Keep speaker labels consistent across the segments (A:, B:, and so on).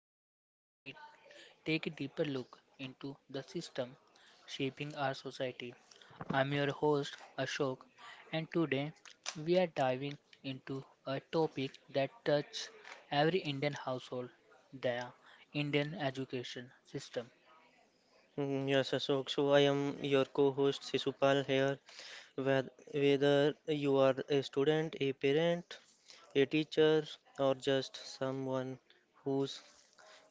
A: podcast where we take a deeper look into the system shaping our society. I'm your host Ashok, and today we are diving into a topic that touches every Indian household, the Indian education system.
B: Mm, yes, Ashok. So I am your co-host Sisupal here. Wheth- Whether you are a student, a parent, a teacher, or just someone who's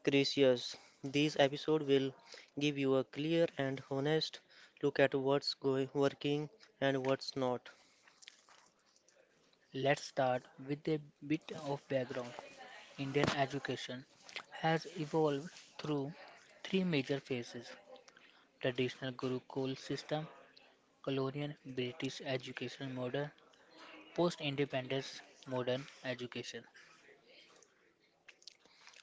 B: curious, this episode will give you a clear and honest look at what's going working and what's not.
A: Let's start with a bit of background. Indian education has evolved through three major phases: traditional Gurukul system, colonial British education model, post independence modern education,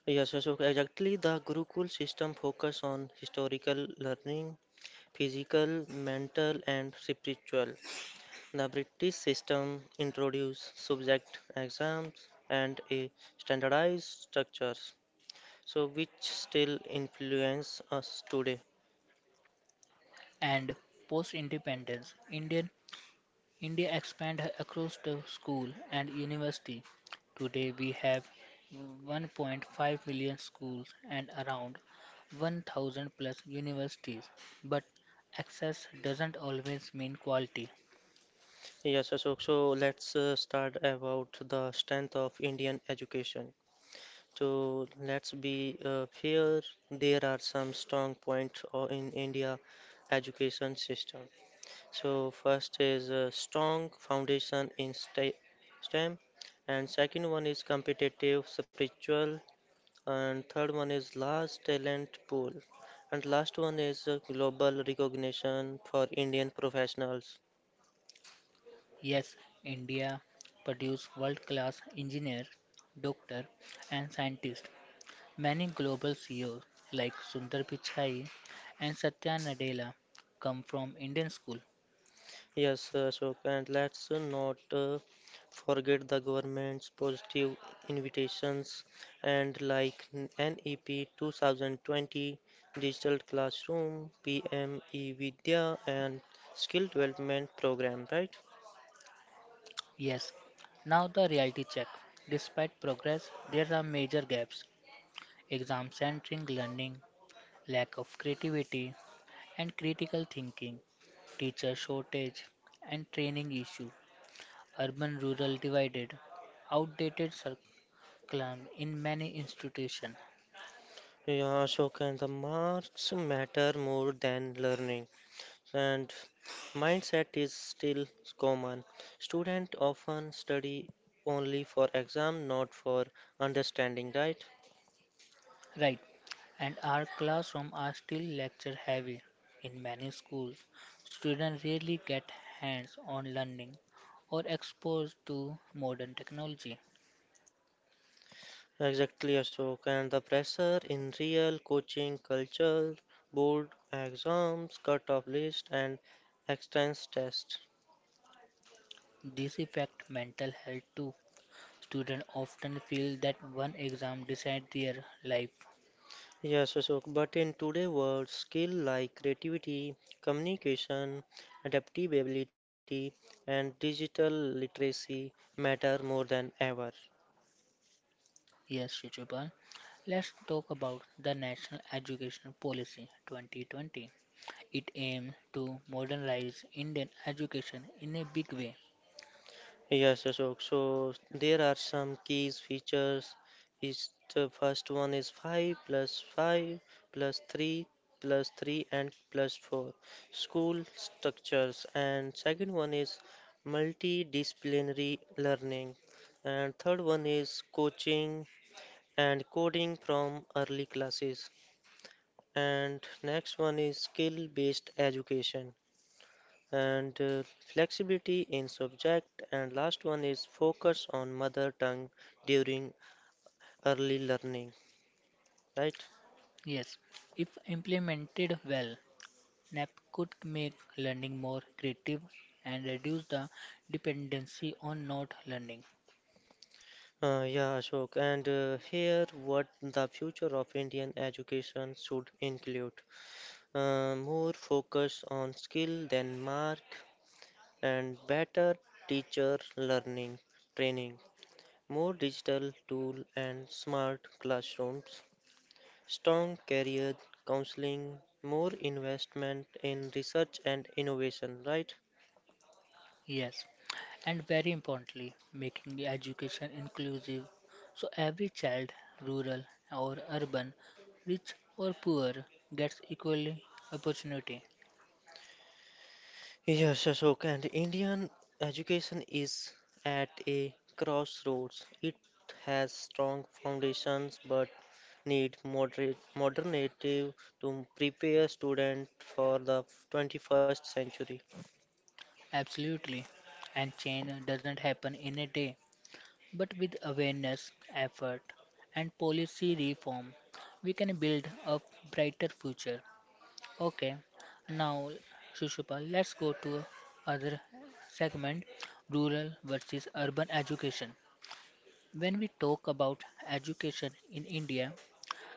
B: Yes, Ashok. Exactly, the Gurukul system focus on historical learning, physical, mental, and spiritual. The British system introduced subject exams and a standardized structures, so which still influence us today.
A: and post independence Indian India expanded across the school and university. Today we have 1.5 million schools and around 1000 plus universities, but access doesn't always mean quality.
B: Yes, Ashok, so let's start about the strength of Indian education. So let's be fair, there are some strong points in India education system. So first is a strong foundation in STEM, and second one is competitive spiritual and third one is last talent pool, and last one is global recognition for Indian professionals.
A: Yes, India produces world class engineers, doctors, and scientists. Many global CEOs like Sundar Pichai and Satya Nadella come from Indian school.
B: Yes, Ashok, and let's not forget the government's positive invitations and like NEP 2020, Digital Classroom, PME Vidya, and Skill Development Program, right?
A: Yes, now the reality check. Despite progress, there are major gaps. Exam-centric learning, lack of creativity and critical thinking, teacher shortage and training issue, urban-rural divided, outdated curriculum in many institutions.
B: Yeah, Ashok, and the marks matter more than learning. And mindset is still common. Students often study only for exam, not for understanding, right?
A: Right, and our classrooms are still lecture heavy. In many schools, students rarely get hands on learning or exposed to modern technology.
B: Exactly, Ashok. And the pressure in real coaching culture, board exams, cutoff list, and extensive test.
A: This affects mental health too. Students often feel that one exam decides their life.
B: Yes, Ashok. But in today's world, skill like creativity, communication, adaptability, and digital literacy matter more than ever.
A: Yes, Shishupal, let's talk about the National Education Policy 2020. It aims to modernize Indian education in a big way.
B: Yes, Ashok. So there are some keys features. Is the first one is 5 plus 5 plus 3 plus 3 and plus 4 school structures and second one is multidisciplinary learning and third one is coaching and coding from early classes and next one is skill based education and flexibility in subject and last one is focus on mother tongue during early learning, right?
A: Yes, if implemented well, Nap could make learning more creative and reduce the dependency on note learning.
B: Yeah, Ashok, and here what the future of Indian education should include more focus on skill than mark and better teacher learning training more digital tool and smart classrooms, strong career counseling, more investment in research and innovation, right?
A: Yes, and very importantly, making the education inclusive, so every child, rural or urban, rich or poor, gets equally opportunity.
B: Yes, Ashok, and Indian education is at a crossroads. It has strong foundations but need moderate modernity to prepare student for the 21st century.
A: Absolutely. And change doesn't happen in a day, but with awareness, effort, and policy reform, we can build a brighter future. Okay, now Shishupal, let's go to other segment, rural versus urban education. When we talk about education in India,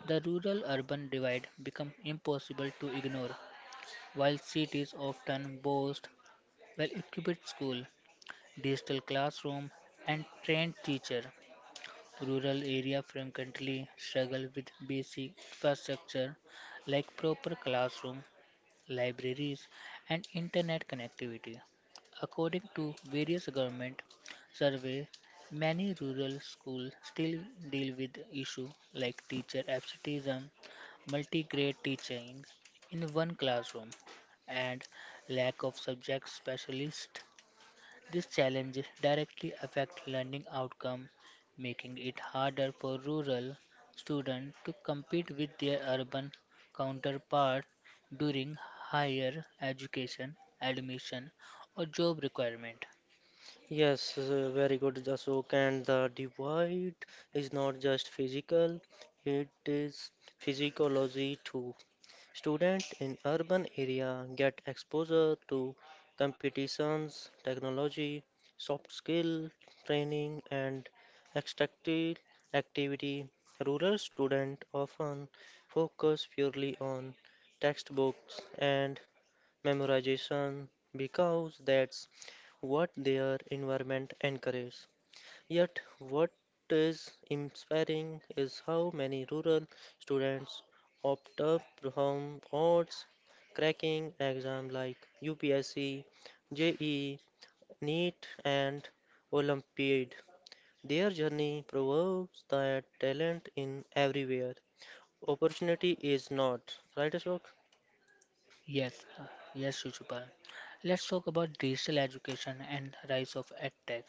A: the rural-urban divide becomes impossible to ignore. While cities often boast well-equipped school, digital classroom, and trained teacher, rural area frequently struggle with basic infrastructure like proper classroom, libraries, and internet connectivity. According to various government surveys, many rural schools still deal with issues like teacher absenteeism, multi-grade teaching in one classroom, and lack of subject specialists. These challenges directly affect learning outcome, making it harder for rural students to compete with their urban counterparts during higher education, admission, or job requirement.
B: Yes, very good, Ashok, and the divide is not just physical, it is physiology too. Students in urban area get exposure to competitions, technology, soft skill training and extractive activity. Rural students often focus purely on textbooks and memorization because that's what their environment encourages. Yet, what is inspiring is how many rural students opt up from odds cracking exams like UPSC, JEE, NEET, and Olympiad. Their journey proves that talent in everywhere. Opportunity is not. Right, Ashok?
A: Yes, uh, yes, Shishupal. Let's talk about digital education and rise of edtech.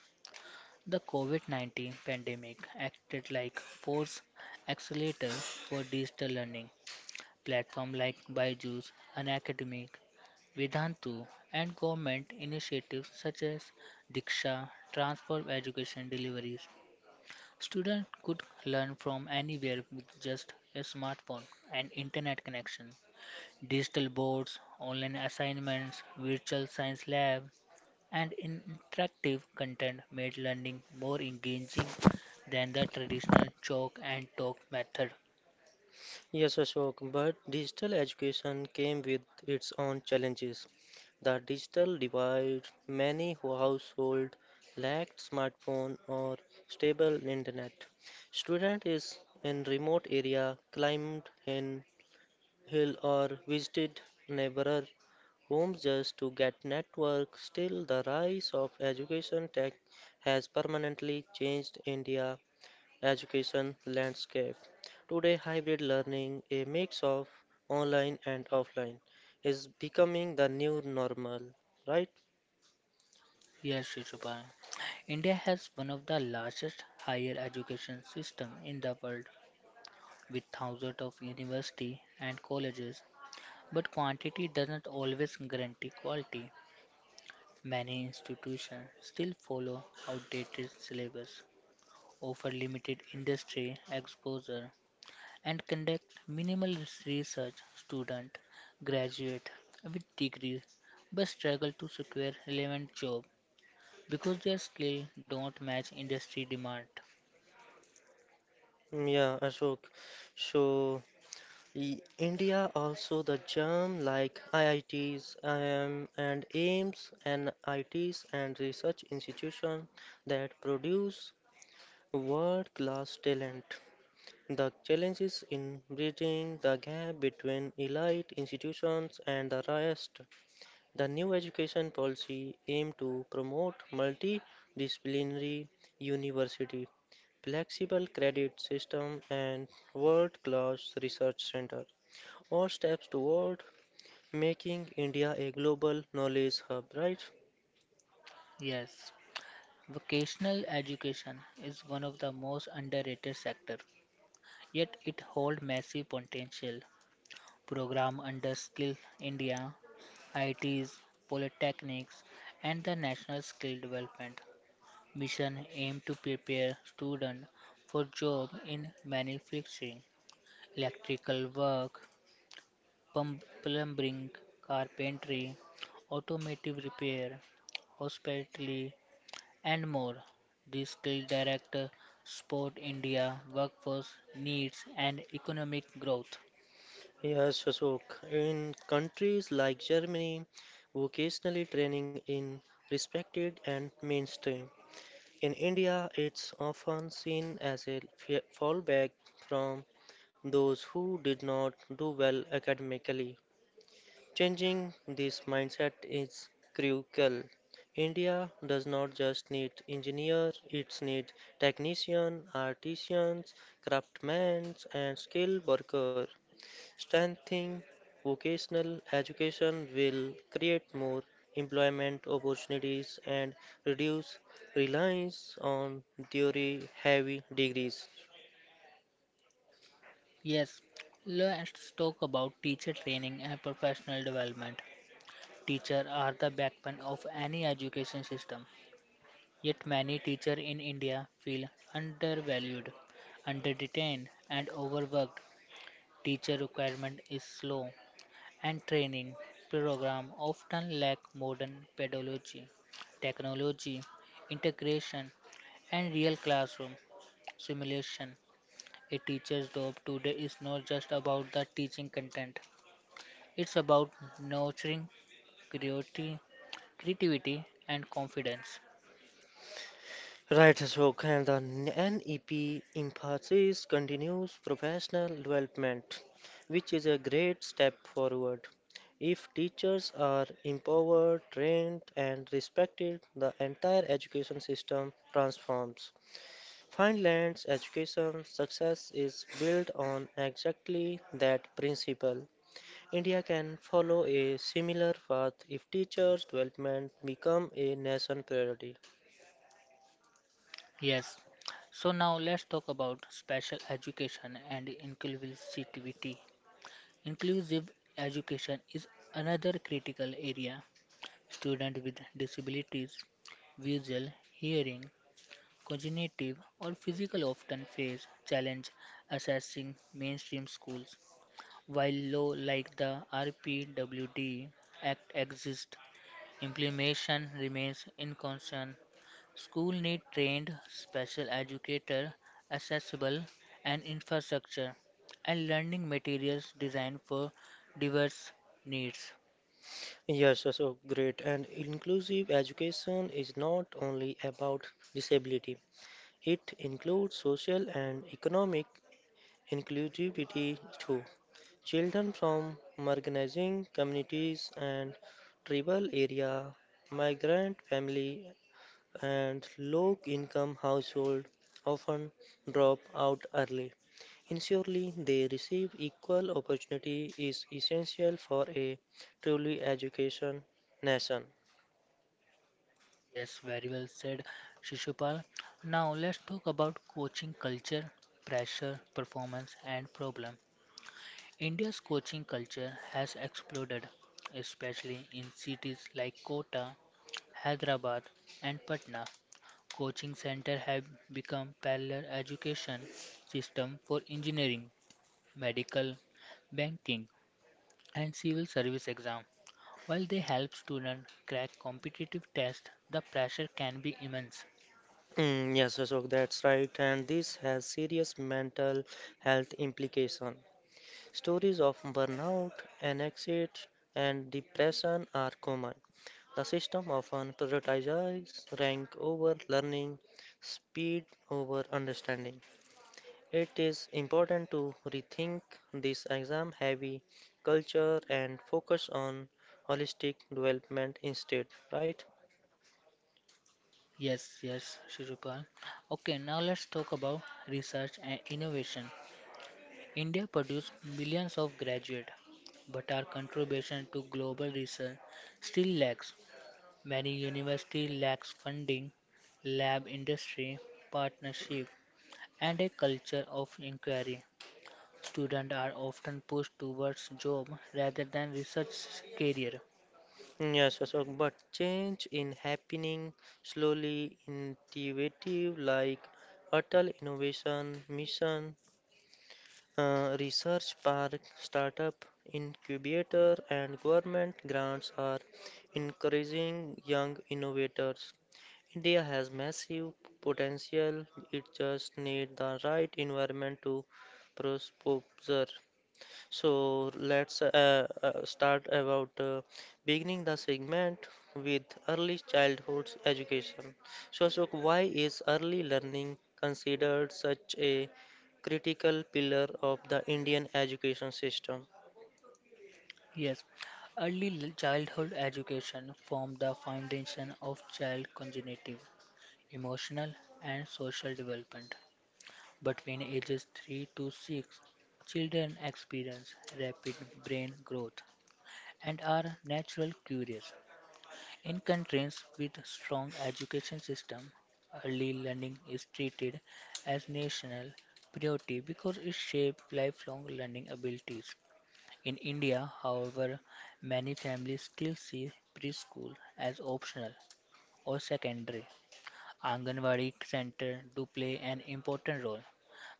A: The COVID-19 pandemic acted like force accelerator for digital learning. Platform like Byju's, Unacademic, Vedantu, and government initiatives such as Diksha transform education deliveries. Students could learn from anywhere with just a smartphone and internet connection. Digital boards, online assignments, virtual science lab, and interactive content made learning more engaging than the traditional chalk and talk method.
B: Yes, Ashok, but digital education came with its own challenges. The digital divide, many households lacked smartphone or stable internet. Student is in remote area, climbed in hill or visited neighbor homes just to get network. Still, the rise of education tech has permanently changed India education landscape. Today, hybrid learning, a mix of online and offline, is becoming the new normal, right?
A: Yes, Shishupal. India has one of the largest higher education systems in the world with thousands of universities and colleges, but quantity doesn't always guarantee quality. Many institutions still follow outdated syllabus, offer limited industry exposure, and conduct minimal research. Students graduate with degrees but struggle to secure relevant job because their skills don't match industry demand.
B: Mm, yeah, Ashok. So, India also the germ like IITs, IIM, and AIMS, and ITs and research institution that produce world-class talent. The challenge is in bridging the gap between elite institutions and the rest. The new education policy aimed to promote multidisciplinary university, flexible credit system and world-class research center, all steps toward making India a global knowledge hub, right?
A: Yes, vocational education is one of the most underrated sectors, yet it holds massive potential. Program under Skill India, ITs, Polytechnics, and the National Skill Development Mission aim to prepare students for job in manufacturing, electrical work, plumbing, carpentry, automotive repair, hospitality, and more. The skilled director sport India workforce needs and economic growth.
B: Yes, Ashok. In countries like Germany, vocational training in respected and mainstream. In India, it's often seen as a fallback from those who did not do well academically. Changing this mindset is crucial. India does not just need engineers, it needs technicians, artisans, craftsmen, and skilled workers. Strengthening vocational education will create more employment opportunities and reduce reliance on theory heavy degrees.
A: Yes, let's talk about teacher training and professional development. Teachers are the backbone of any education system. Yet many teachers in India feel undervalued, underdetained, and overworked. Teacher recruitment is slow, and training program often lack modern pedagogy, technology integration, and real classroom simulation. A teacher's job today is not just about the teaching content, it's about nurturing creati- creativity and confidence.
B: Right, Ashok, and the NEP emphasis continues professional development, which is a great step forward. If teachers are empowered, trained, and respected, the entire education system transforms. Finland's education success is built on exactly that principle. India can follow a similar path if teachers' development become a nation priority.
A: Yes, so now let's talk about special education and inclusivity. Inclusive education is another critical area. Students with disabilities, visual, hearing, cognitive, or physical often face challenge accessing mainstream schools. While law like the RPWD Act exists, implementation remains inconstant. School need trained special educator, accessible and infrastructure, and learning materials designed for diverse needs.
B: Yes, so great. And inclusive education is not only about disability, it includes social and economic inclusivity too. Children from marginalizing communities and tribal area, migrant family and low income households often drop out early. Ensuring they receive equal opportunity is essential for a truly education nation.
A: Yes, very well said, Shishupal. Now let's talk about coaching culture, pressure, performance, and problem. India's coaching culture has exploded, especially in cities like Kota, Hyderabad, and Patna. Coaching centers have become parallel education system for engineering, medical, banking, and civil service exam. While they help students crack competitive tests, the pressure can be immense.
B: Mm, yes, Ashok, that's right, and this has serious mental health implication. Stories of burnout, anxiety, and depression are common. The system often prioritizes rank over learning, speed over understanding. It is important to rethink this exam heavy culture and focus on holistic development instead, right?
A: Yes, yes, Shirukar. Okay, now let's talk about research and innovation. India produced millions of graduates, but our contribution to global research still lacks. Many universities lack funding, lab industry partnership, and a culture of inquiry. Students are often pushed towards job rather than research career.
B: Yes, Ashok, but change in happening slowly, intuitive, like Atal Innovation Mission, research park, startup incubator, and government grants are encouraging young innovators. India has massive potential, it just needs the right environment to prosper. So let's start about beginning the segment with early childhood education. So, Ashok, why is early learning considered such a critical pillar of the Indian education system?
A: Yes, childhood education formed the foundation of child congenitive emotional, and social development. Between ages 3 to 6, children experience rapid brain growth and are natural curious. In countries with strong education system, early learning is treated as national priority because it shapes lifelong learning abilities. In India, however, many families still see preschool as optional or secondary. Anganwadi centers do play an important role,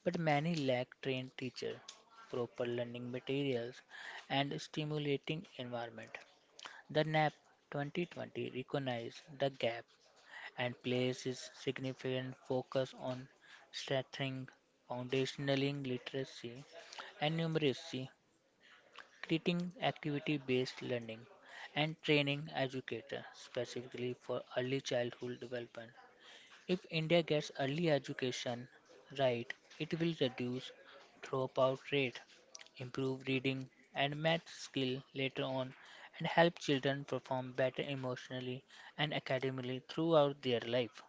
A: but many lack trained teachers, proper learning materials, and stimulating environment. The NAP 2020 recognizes the gap and places significant focus on strengthening foundational literacy and numeracy, creating activity-based learning, and training educators specifically for early childhood development. If India gets early education right, it will reduce dropout rate, improve reading and math skill later on, and help children perform better emotionally and academically throughout their life.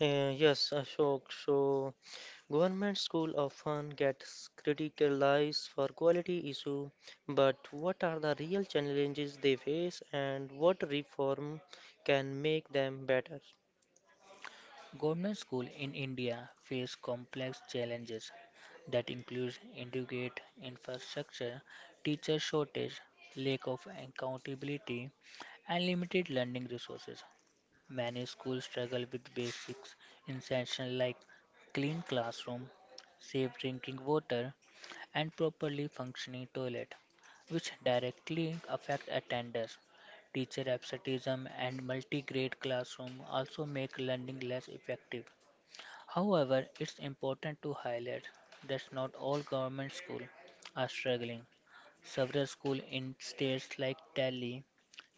B: Yes, Ashok. So, government school often gets criticized for quality issue, but what are the real challenges they face, and what reform can make them better?
A: Government schools in India face complex challenges that include inadequate infrastructure, teacher shortage, lack of accountability, and limited learning resources. Many schools struggle with basics instruction like clean classroom, safe drinking water, and properly functioning toilet, which directly affect attendance. Teacher absenteeism and multi-grade classroom also make learning less effective. However, it's important to highlight that not all government schools are struggling. Several schools in states like Delhi,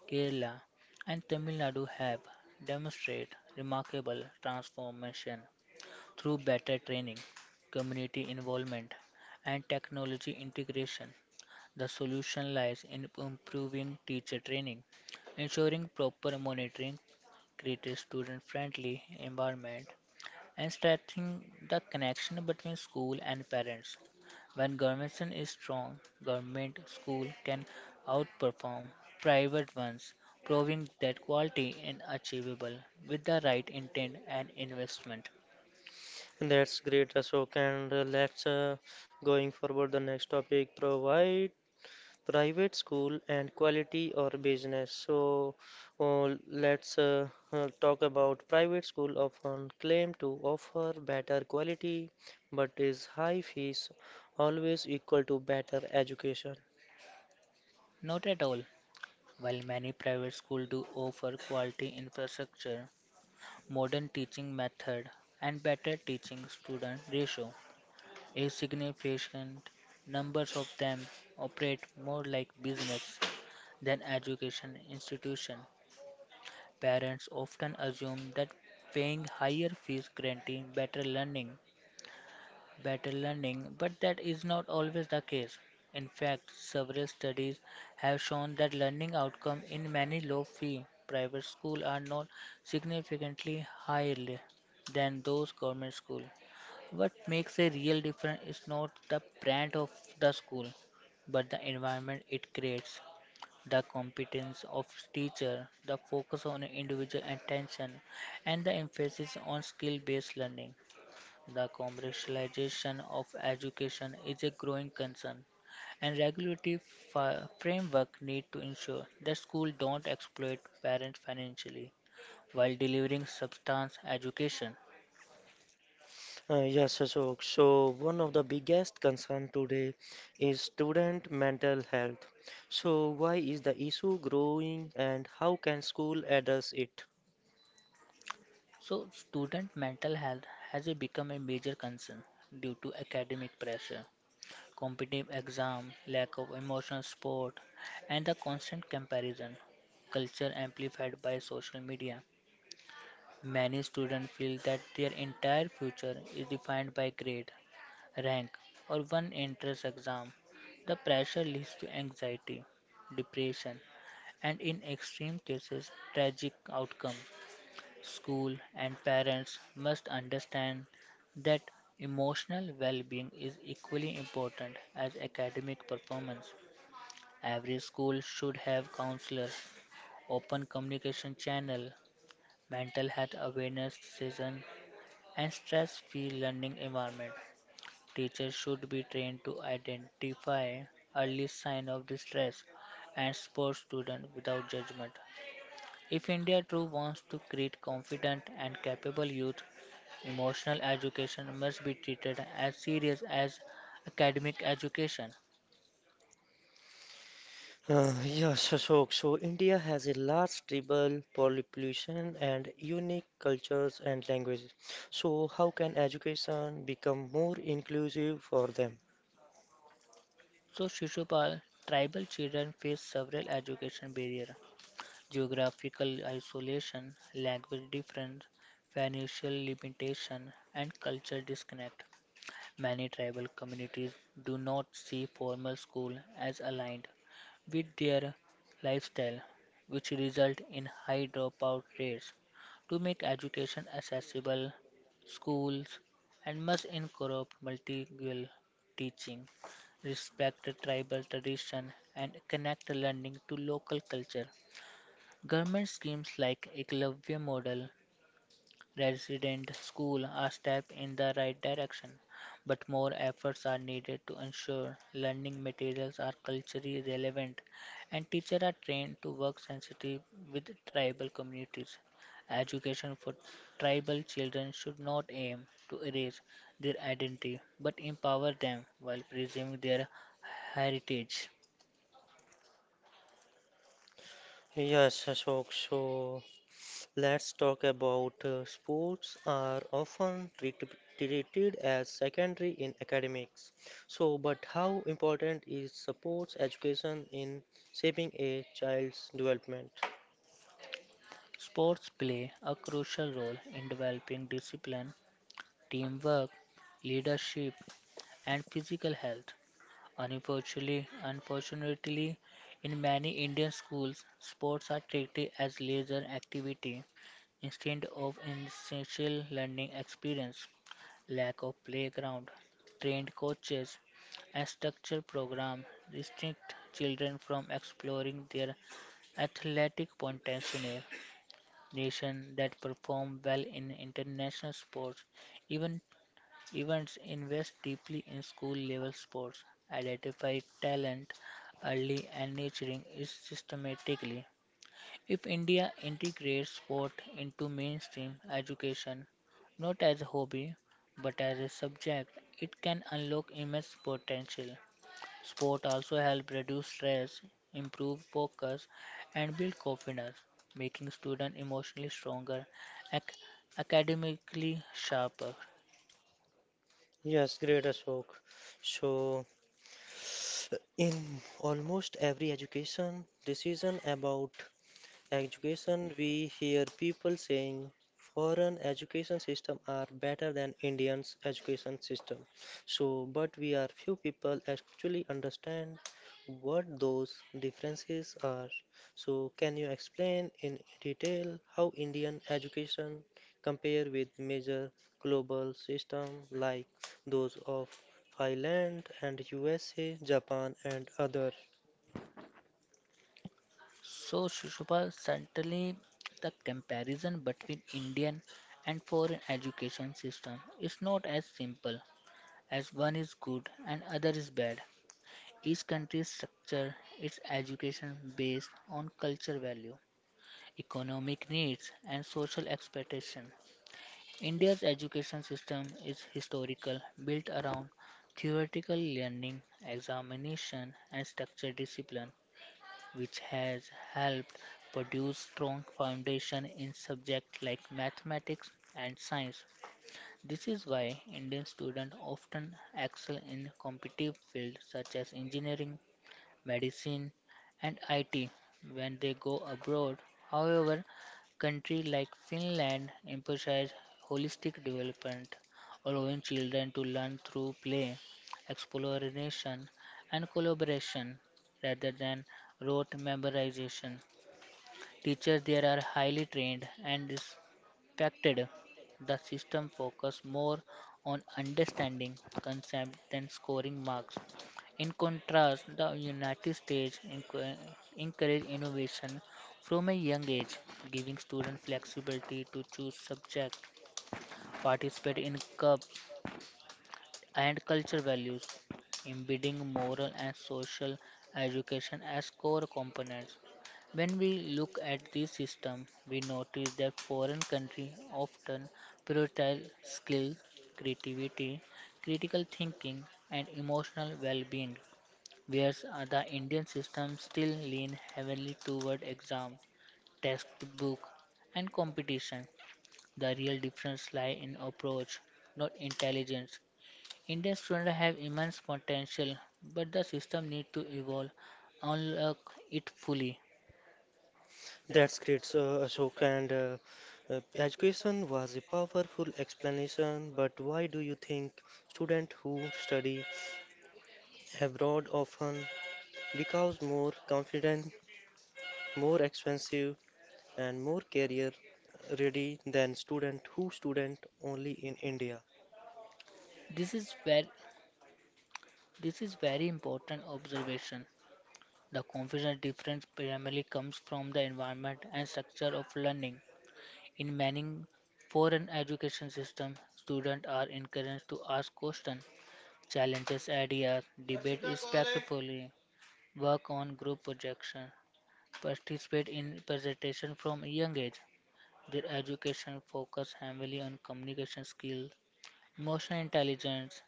A: Kerala, and Tamil Nadu have demonstrated remarkable transformation through better training, community involvement, and technology integration. The solution lies in improving teacher training, ensuring proper monitoring, create a student friendly environment, and strengthening the connection between school and parents. When government is strong, government school can outperform private ones, proving that quality is achievable with the right intent and investment.
B: That's great, Ashok. And let's going forward the next topic provide private school and quality or business. So let's talk about private school often claim to offer better quality, but is high fees always equal to better education?
A: Not at all. While many private schools do offer quality infrastructure, modern teaching method, and better teaching student ratio, a significant number of them operate more like business than education institution. Parents often assume that paying higher fees guarantees better learning, but that is not always the case. In fact, several studies have shown that learning outcomes in many low-fee private schools are not significantly higher than those government schools. What makes a real difference is not the brand of the school, but the environment it creates, the competence of teacher, the focus on individual attention, and the emphasis on skill-based learning. The commercialization of education is a growing concern, and regulatory framework need to ensure that schools don't exploit parents financially while delivering substance education.
B: Yes, Ashok. So one of the biggest concern today is student mental health. So why is the issue growing and how can school address it?
A: So, student mental health has become a major concern due to academic pressure, competitive exam, lack of emotional support, and the constant comparison culture amplified by social media. Many students feel that their entire future is defined by grade, rank, or one entrance exam. The pressure leads to anxiety, depression, and in extreme cases, tragic outcomes. School and parents must understand that emotional well being is equally important as academic performance. Every school should have counselor, open communication channel, mental health awareness session, and stress free learning environment. Teachers should be trained to identify early sign of distress and support students without judgment. If India too wants to create confident and capable youth, emotional education must be treated as serious as academic education.
B: Yes, Ashok. So India has a large tribal population and unique cultures and languages. So how can education become more inclusive for them?
A: So, Shishupal, tribal children face several education barriers: geographical isolation, language difference, financial limitation, and cultural disconnect. Many tribal communities do not see formal school as aligned with their lifestyle, which result in high dropout rates. To make education accessible, schools and must incorporate multilingual teaching, respect the tribal tradition, and connect learning to local culture. Government schemes like Eklavya model resident schools are step in the right direction, but more efforts are needed to ensure learning materials are culturally relevant and teachers are trained to work sensitive with tribal communities. Education for tribal children should not aim to erase their identity but empower them while preserving their heritage.
B: Yes, Ashok. So let's talk about sports are often treated as secondary in academics. So, but how important is sports education in shaping a child's development?
A: Sports play a crucial role in developing discipline, teamwork, leadership, and physical health. Unfortunately, in many Indian schools, sports are treated as leisure activity instead of an essential learning experience. Lack of playground, trained coaches, and structured program restrict children from exploring their athletic potential. Nations that perform well in international sports, even Events, invest deeply in school level sports, identify talent early and nurturing it systematically. If India integrates sport into mainstream education, not as a hobby but as a subject, it can unlock immense potential. Sport also help reduce stress, improve focus, and build confidence, making students emotionally stronger, ac- academically sharper.
B: Yes, great Ashok. So, in almost every education decision about education, we hear people saying foreign education system are better than Indian's education system. So, but we are few people actually understand what those differences are. So, can you explain in detail how Indian education compare with major global system like those of Thailand and USA, Japan and other?
A: So, Shishupal, certainly the comparison between Indian and foreign education system is not as simple as one is good and other is bad. Each country structure its education based on culture value, economic needs, and social expectation. India's education system is historical, built around theoretical learning, examination, and structured discipline which has helped produce strong foundation in subjects like mathematics and science. This is why Indian students often excel in competitive fields such as engineering, medicine, and IT when they go abroad. However, countries like Finland emphasize holistic development, allowing children to learn through play, exploration, and collaboration rather than rote memorization. Teachers there are highly trained and perfected. The system focused more on understanding concepts than scoring marks. In contrast, the United States encouraged innovation from a young age, giving students flexibility to choose subjects, participate in clubs, and culture values, embedding moral and social education as core components. When we look at this system, we notice that foreign countries often prioritize skills, creativity, critical thinking, and emotional well being, whereas the Indian system still lean heavily toward exam, textbook, and competition. The real difference lies in approach, not intelligence. Indian students have immense potential, but the system needs to evolve, unlock it fully.
B: That's great, so Ashok. And education was a powerful explanation, but why do you think students who study abroad often becomes more confident, more expensive, and more career ready than students who student only in India?
A: This is where this is very important observation. The confidence difference primarily comes from the environment and structure of learning. In many foreign education systems, students are encouraged to ask questions, challenge ideas, debate respectfully, work on group projects, participate in presentation from a young age. Their education focused heavily on communication skills, emotional intelligence,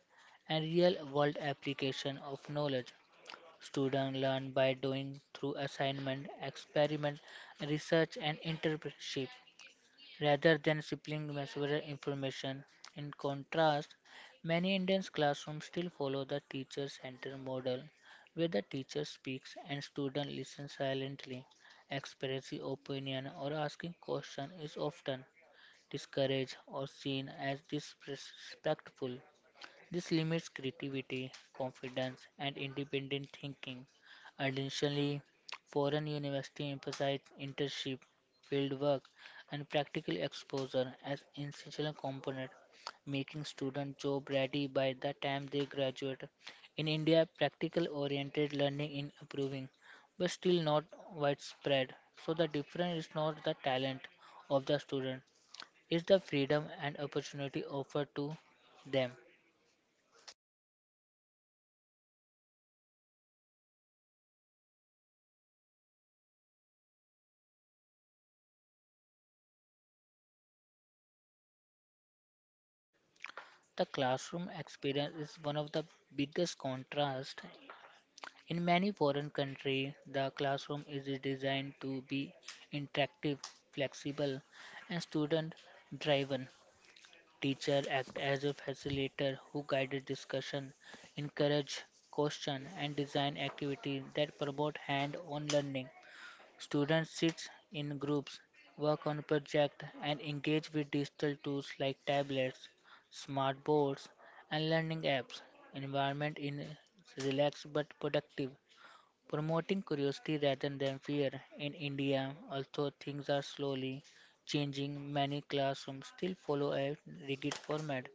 A: and real world application of knowledge. Students learn by doing through assignment, experiment, research, and internship rather than simply memorizing information. In contrast, many Indian classrooms still follow the teacher centered model where the teacher speaks and students listen silently. Expressing opinion or asking question is often discouraged, or seen as disrespectful. This limits creativity, confidence, and independent thinking. Additionally, foreign universities emphasize internship, fieldwork, and practical exposure as essential component, making students job ready by the time they graduate. In India, practical oriented learning is improving, but still not widespread. So the difference is not the talent of the student, is the freedom and opportunity offered to them. The classroom experience is one of the biggest contrasts. In many foreign countries, the classroom is designed to be interactive, flexible, and student driven. Teacher act as a facilitator who guided discussion, encourage question and design activities that promote hand-on learning. Students sit in groups, work on projects, and engage with digital tools like tablets, smart boards, and learning apps. Environment is relaxed but productive, promoting curiosity rather than fear. In India, although things are slowly changing, many classrooms still follow a rigid format.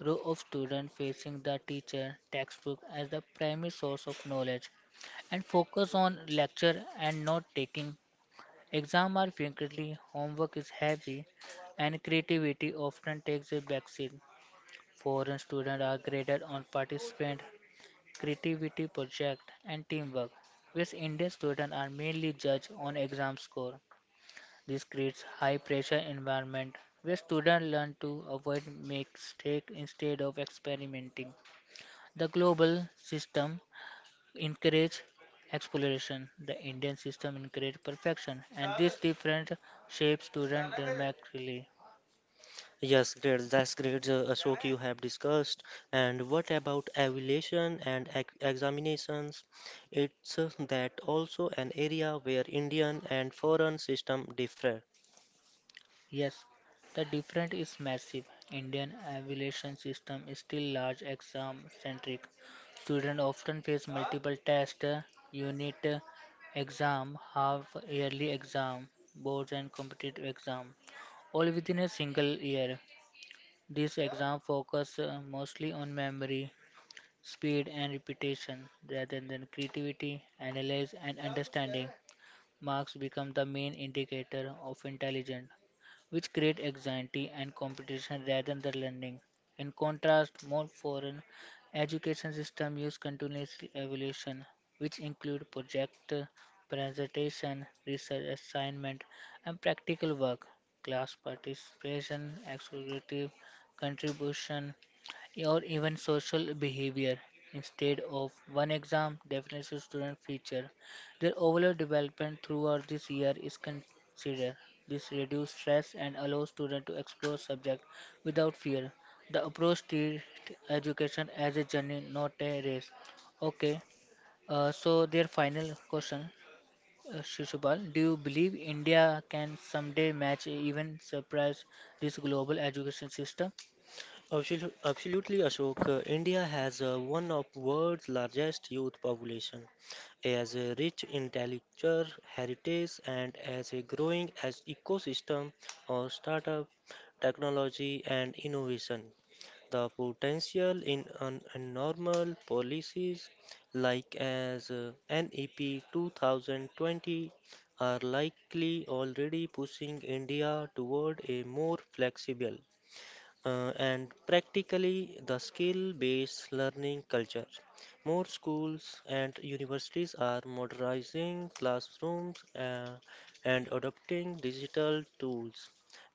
A: Row of students facing the teacher textbook as the primary source of knowledge and focus on lecture and not taking. Exams are frequently, homework is heavy, and creativity often takes a backseat. Foreign students are graded on participant creativity, project, and teamwork, whereas Indian students are mainly judged on exam score. This creates high pressure environment where students learn to avoid mistakes instead of experimenting. The global system encourage exploration. The Indian system encourage perfection, and these different shapes students dramatically.
B: Yes, great. That's great, Ashok, you have discussed. And what about evaluation and ex examinations? It's that also an area where Indian and foreign system differ.
A: Yes, the difference is massive. Indian evaluation system is still large exam centric. Students often face multiple tests, unit exam, half yearly exam, boards and competitive exam, all within a single year. These exams focus mostly on memory, speed and repetition rather than creativity, analyze and understanding. Marks become the main indicator of intelligence, which create anxiety and competition rather than learning. In contrast, more foreign education systems use continuous evaluation, which include project, presentation, research assignment, and practical work. Class participation, executive contribution, or even social behavior. Instead of one exam definition student feature, their overall development throughout this year is considered. This reduces stress and allows students to explore subject without fear. The approach treats education as a journey, not a race. Okay, so their final question, Shishupal, do you believe India can someday match, even surprise this global education system?
B: Absolutely, Ashok. India has one of world's largest youth population, as a rich intellectual heritage, and as a growing as ecosystem of startup, technology, and innovation. The potential in an abnormal policies like as NEP 2020 are likely already pushing India toward a more flexible and practically the skill-based learning culture. More schools and universities are modernizing classrooms and adopting digital tools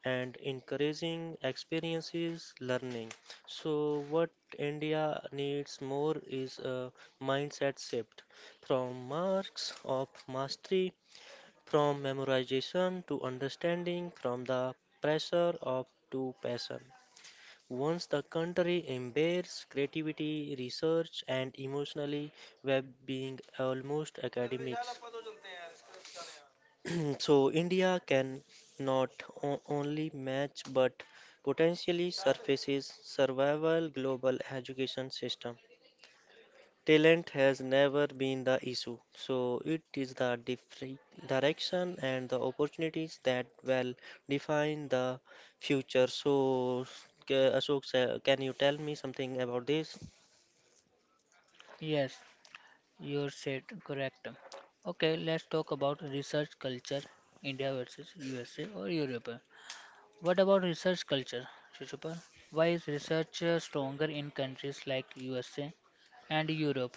B: and encouraging experiences learning. So what India needs more is a mindset shift from marks of mastery, from memorization to understanding, from the pressure of to passion. Once the country embraces creativity, research, and emotionally well-being, almost academics. So India can not only match but potentially surfaces survival global education system. Talent has never been the issue, so it is the different direction and the opportunities that will define the future. So, Ashok, sir, can you tell me something about this?
A: Yes. You're said correct. Okay, let's talk about research culture, India versus USA or Europe. What about research culture, Shishupal? Why is research stronger in countries like USA and Europe?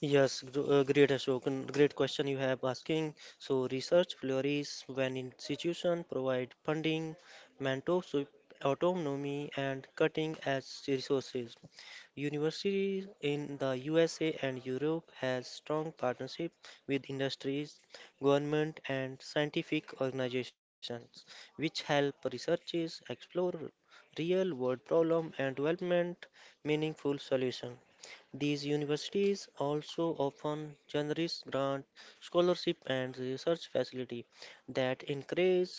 B: Yes, great Ashok, and great question you have asking. So research flourishes when institutions provide funding, mentorship, autonomy, and cutting-edge resources. Universities in the USA and Europe has strong partnership with industries, government, and scientific organizations, which help researchers explore real-world problem and development meaningful solution. These universities also offer generous grant, scholarship, and research facility that encourage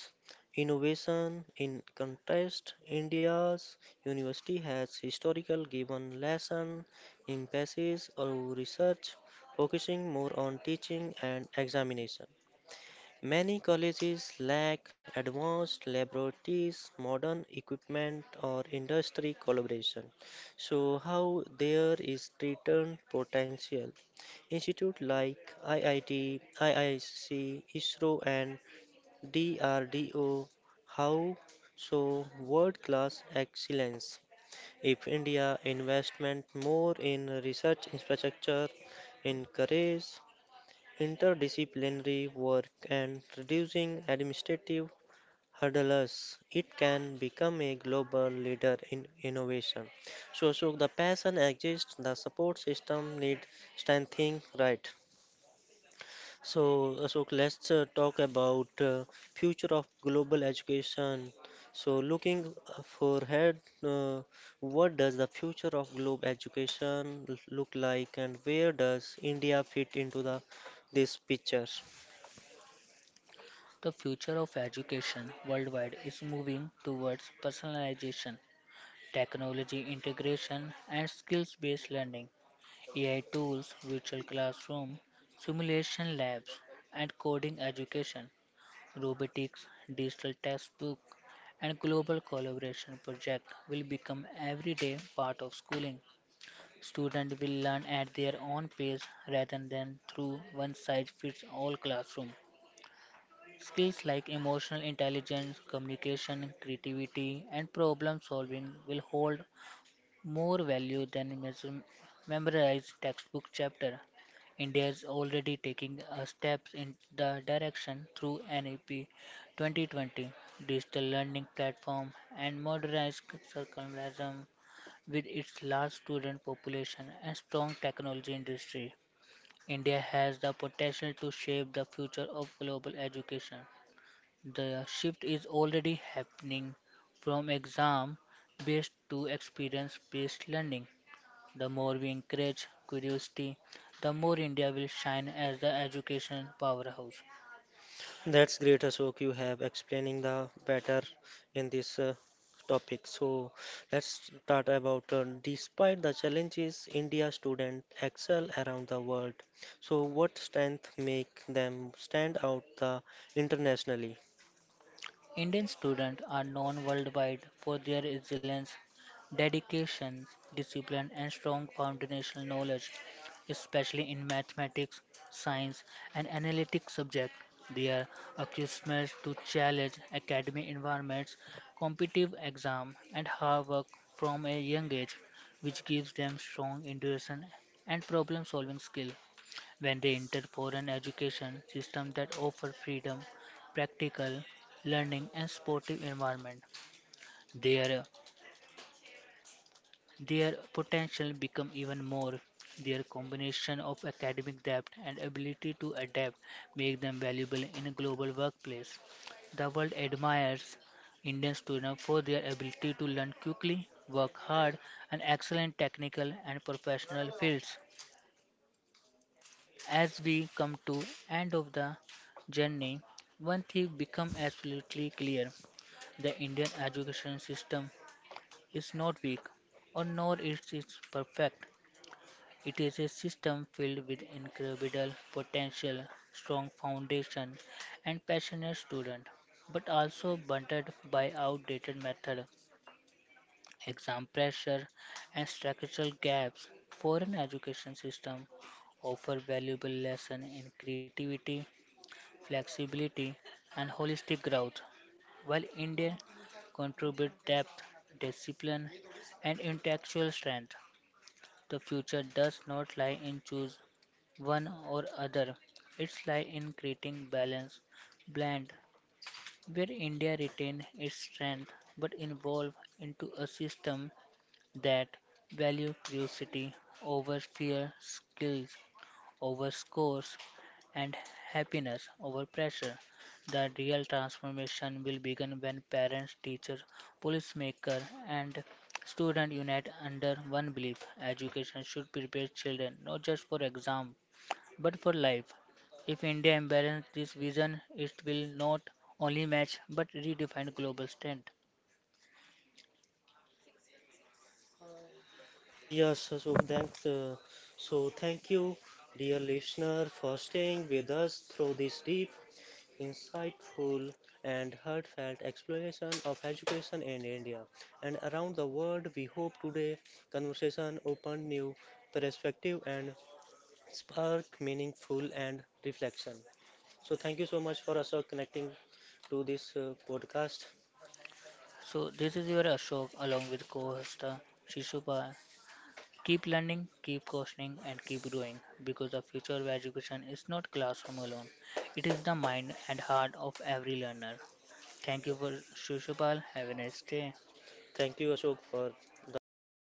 B: innovation. In contrast, India's university has historically given lesson emphasis on research, focusing more on teaching and examination. Many colleges lack advanced laboratories, modern equipment, or industry collaboration, so how there is return potential. Institutes like IIT, IIC, ISRO, and DRDO how so world class excellence. If India investment more in research infrastructure, encourage interdisciplinary work and reducing administrative hurdles, it can become a global leader in innovation. So the passion exists, the support system needs strengthening, right? So, Ashok, let's talk about future of global education. So, looking forward, uh, what does the future of global education look like, and where does India fit into the this picture?
A: The future of education worldwide is moving towards personalization, technology integration, and skills-based learning. AI tools, virtual classroom, simulation labs, and coding education robotics, digital textbook, and global collaboration project will become everyday part of schooling. Students will learn at their own pace rather than through one size fits all classroom. Skills like emotional intelligence, communication, creativity, and problem solving will hold more value than memorize textbook chapter. India is already taking a steps in the direction through NEP 2020 digital learning platform and modernized curriculum with its large student population and strong technology industry. India has the potential to shape the future of global education. The shift is already happening from exam based to experience based learning. The more we encourage curiosity, the more India will shine as the education powerhouse.
B: That's great, Ashok. You have explaining the better in this topic. So let's start about despite the challenges, India students excel around the world. So what strength make them stand out the internationally?
A: Indian students are known worldwide for their excellence, dedication, discipline, and strong foundational knowledge, especially in mathematics, science, and analytic subjects. They are accustomed to challenge academic environments, competitive exams, and hard work from a young age, which gives them strong intuition and problem solving skill. When they enter for an education system that offer freedom, practical learning and sportive environment. Their their potential become even more. Their combination of academic depth and ability to adapt make them valuable in a global workplace. The world admires Indian students for their ability to learn quickly, work hard, and excel in technical and professional fields. As we come to end of the journey, one thing become absolutely clear. The Indian education system is not weak or nor is it perfect. It is a system filled with incredible potential, strong foundation and passionate student, but also burdened by outdated method, exam pressure and structural gaps. Foreign education system offer valuable lesson in creativity flexibility, and holistic growth, while India contribute depth, discipline, and intellectual strength. The future does not lie in choose one or other. It lies in creating balance, blend, where India retain its strength but evolve into a system that value curiosity over fear, skills, over scores and happiness over pressure. The real transformation will begin when parents, teachers, policymakers, and students unite under one belief. Education should prepare children not just for exam but for life. If India embraces this vision, it will not only match but redefine global strength.
B: Yes, so thanks. So thank you, dear listener, for staying with us through this deep insightful and heartfelt exploration of education in India and around the world. We hope today conversation opened new perspective and spark meaningful and reflection. So thank you so much for Ashok connecting to this podcast.
A: So this is your Ashok along with co-host Shishupal. Keep learning, keep questioning, and keep growing because the future of education is not classroom alone. It is the mind and heart of every learner. Thank you for Shushupal. Have a nice day.
B: Thank you Ashok for the podcast.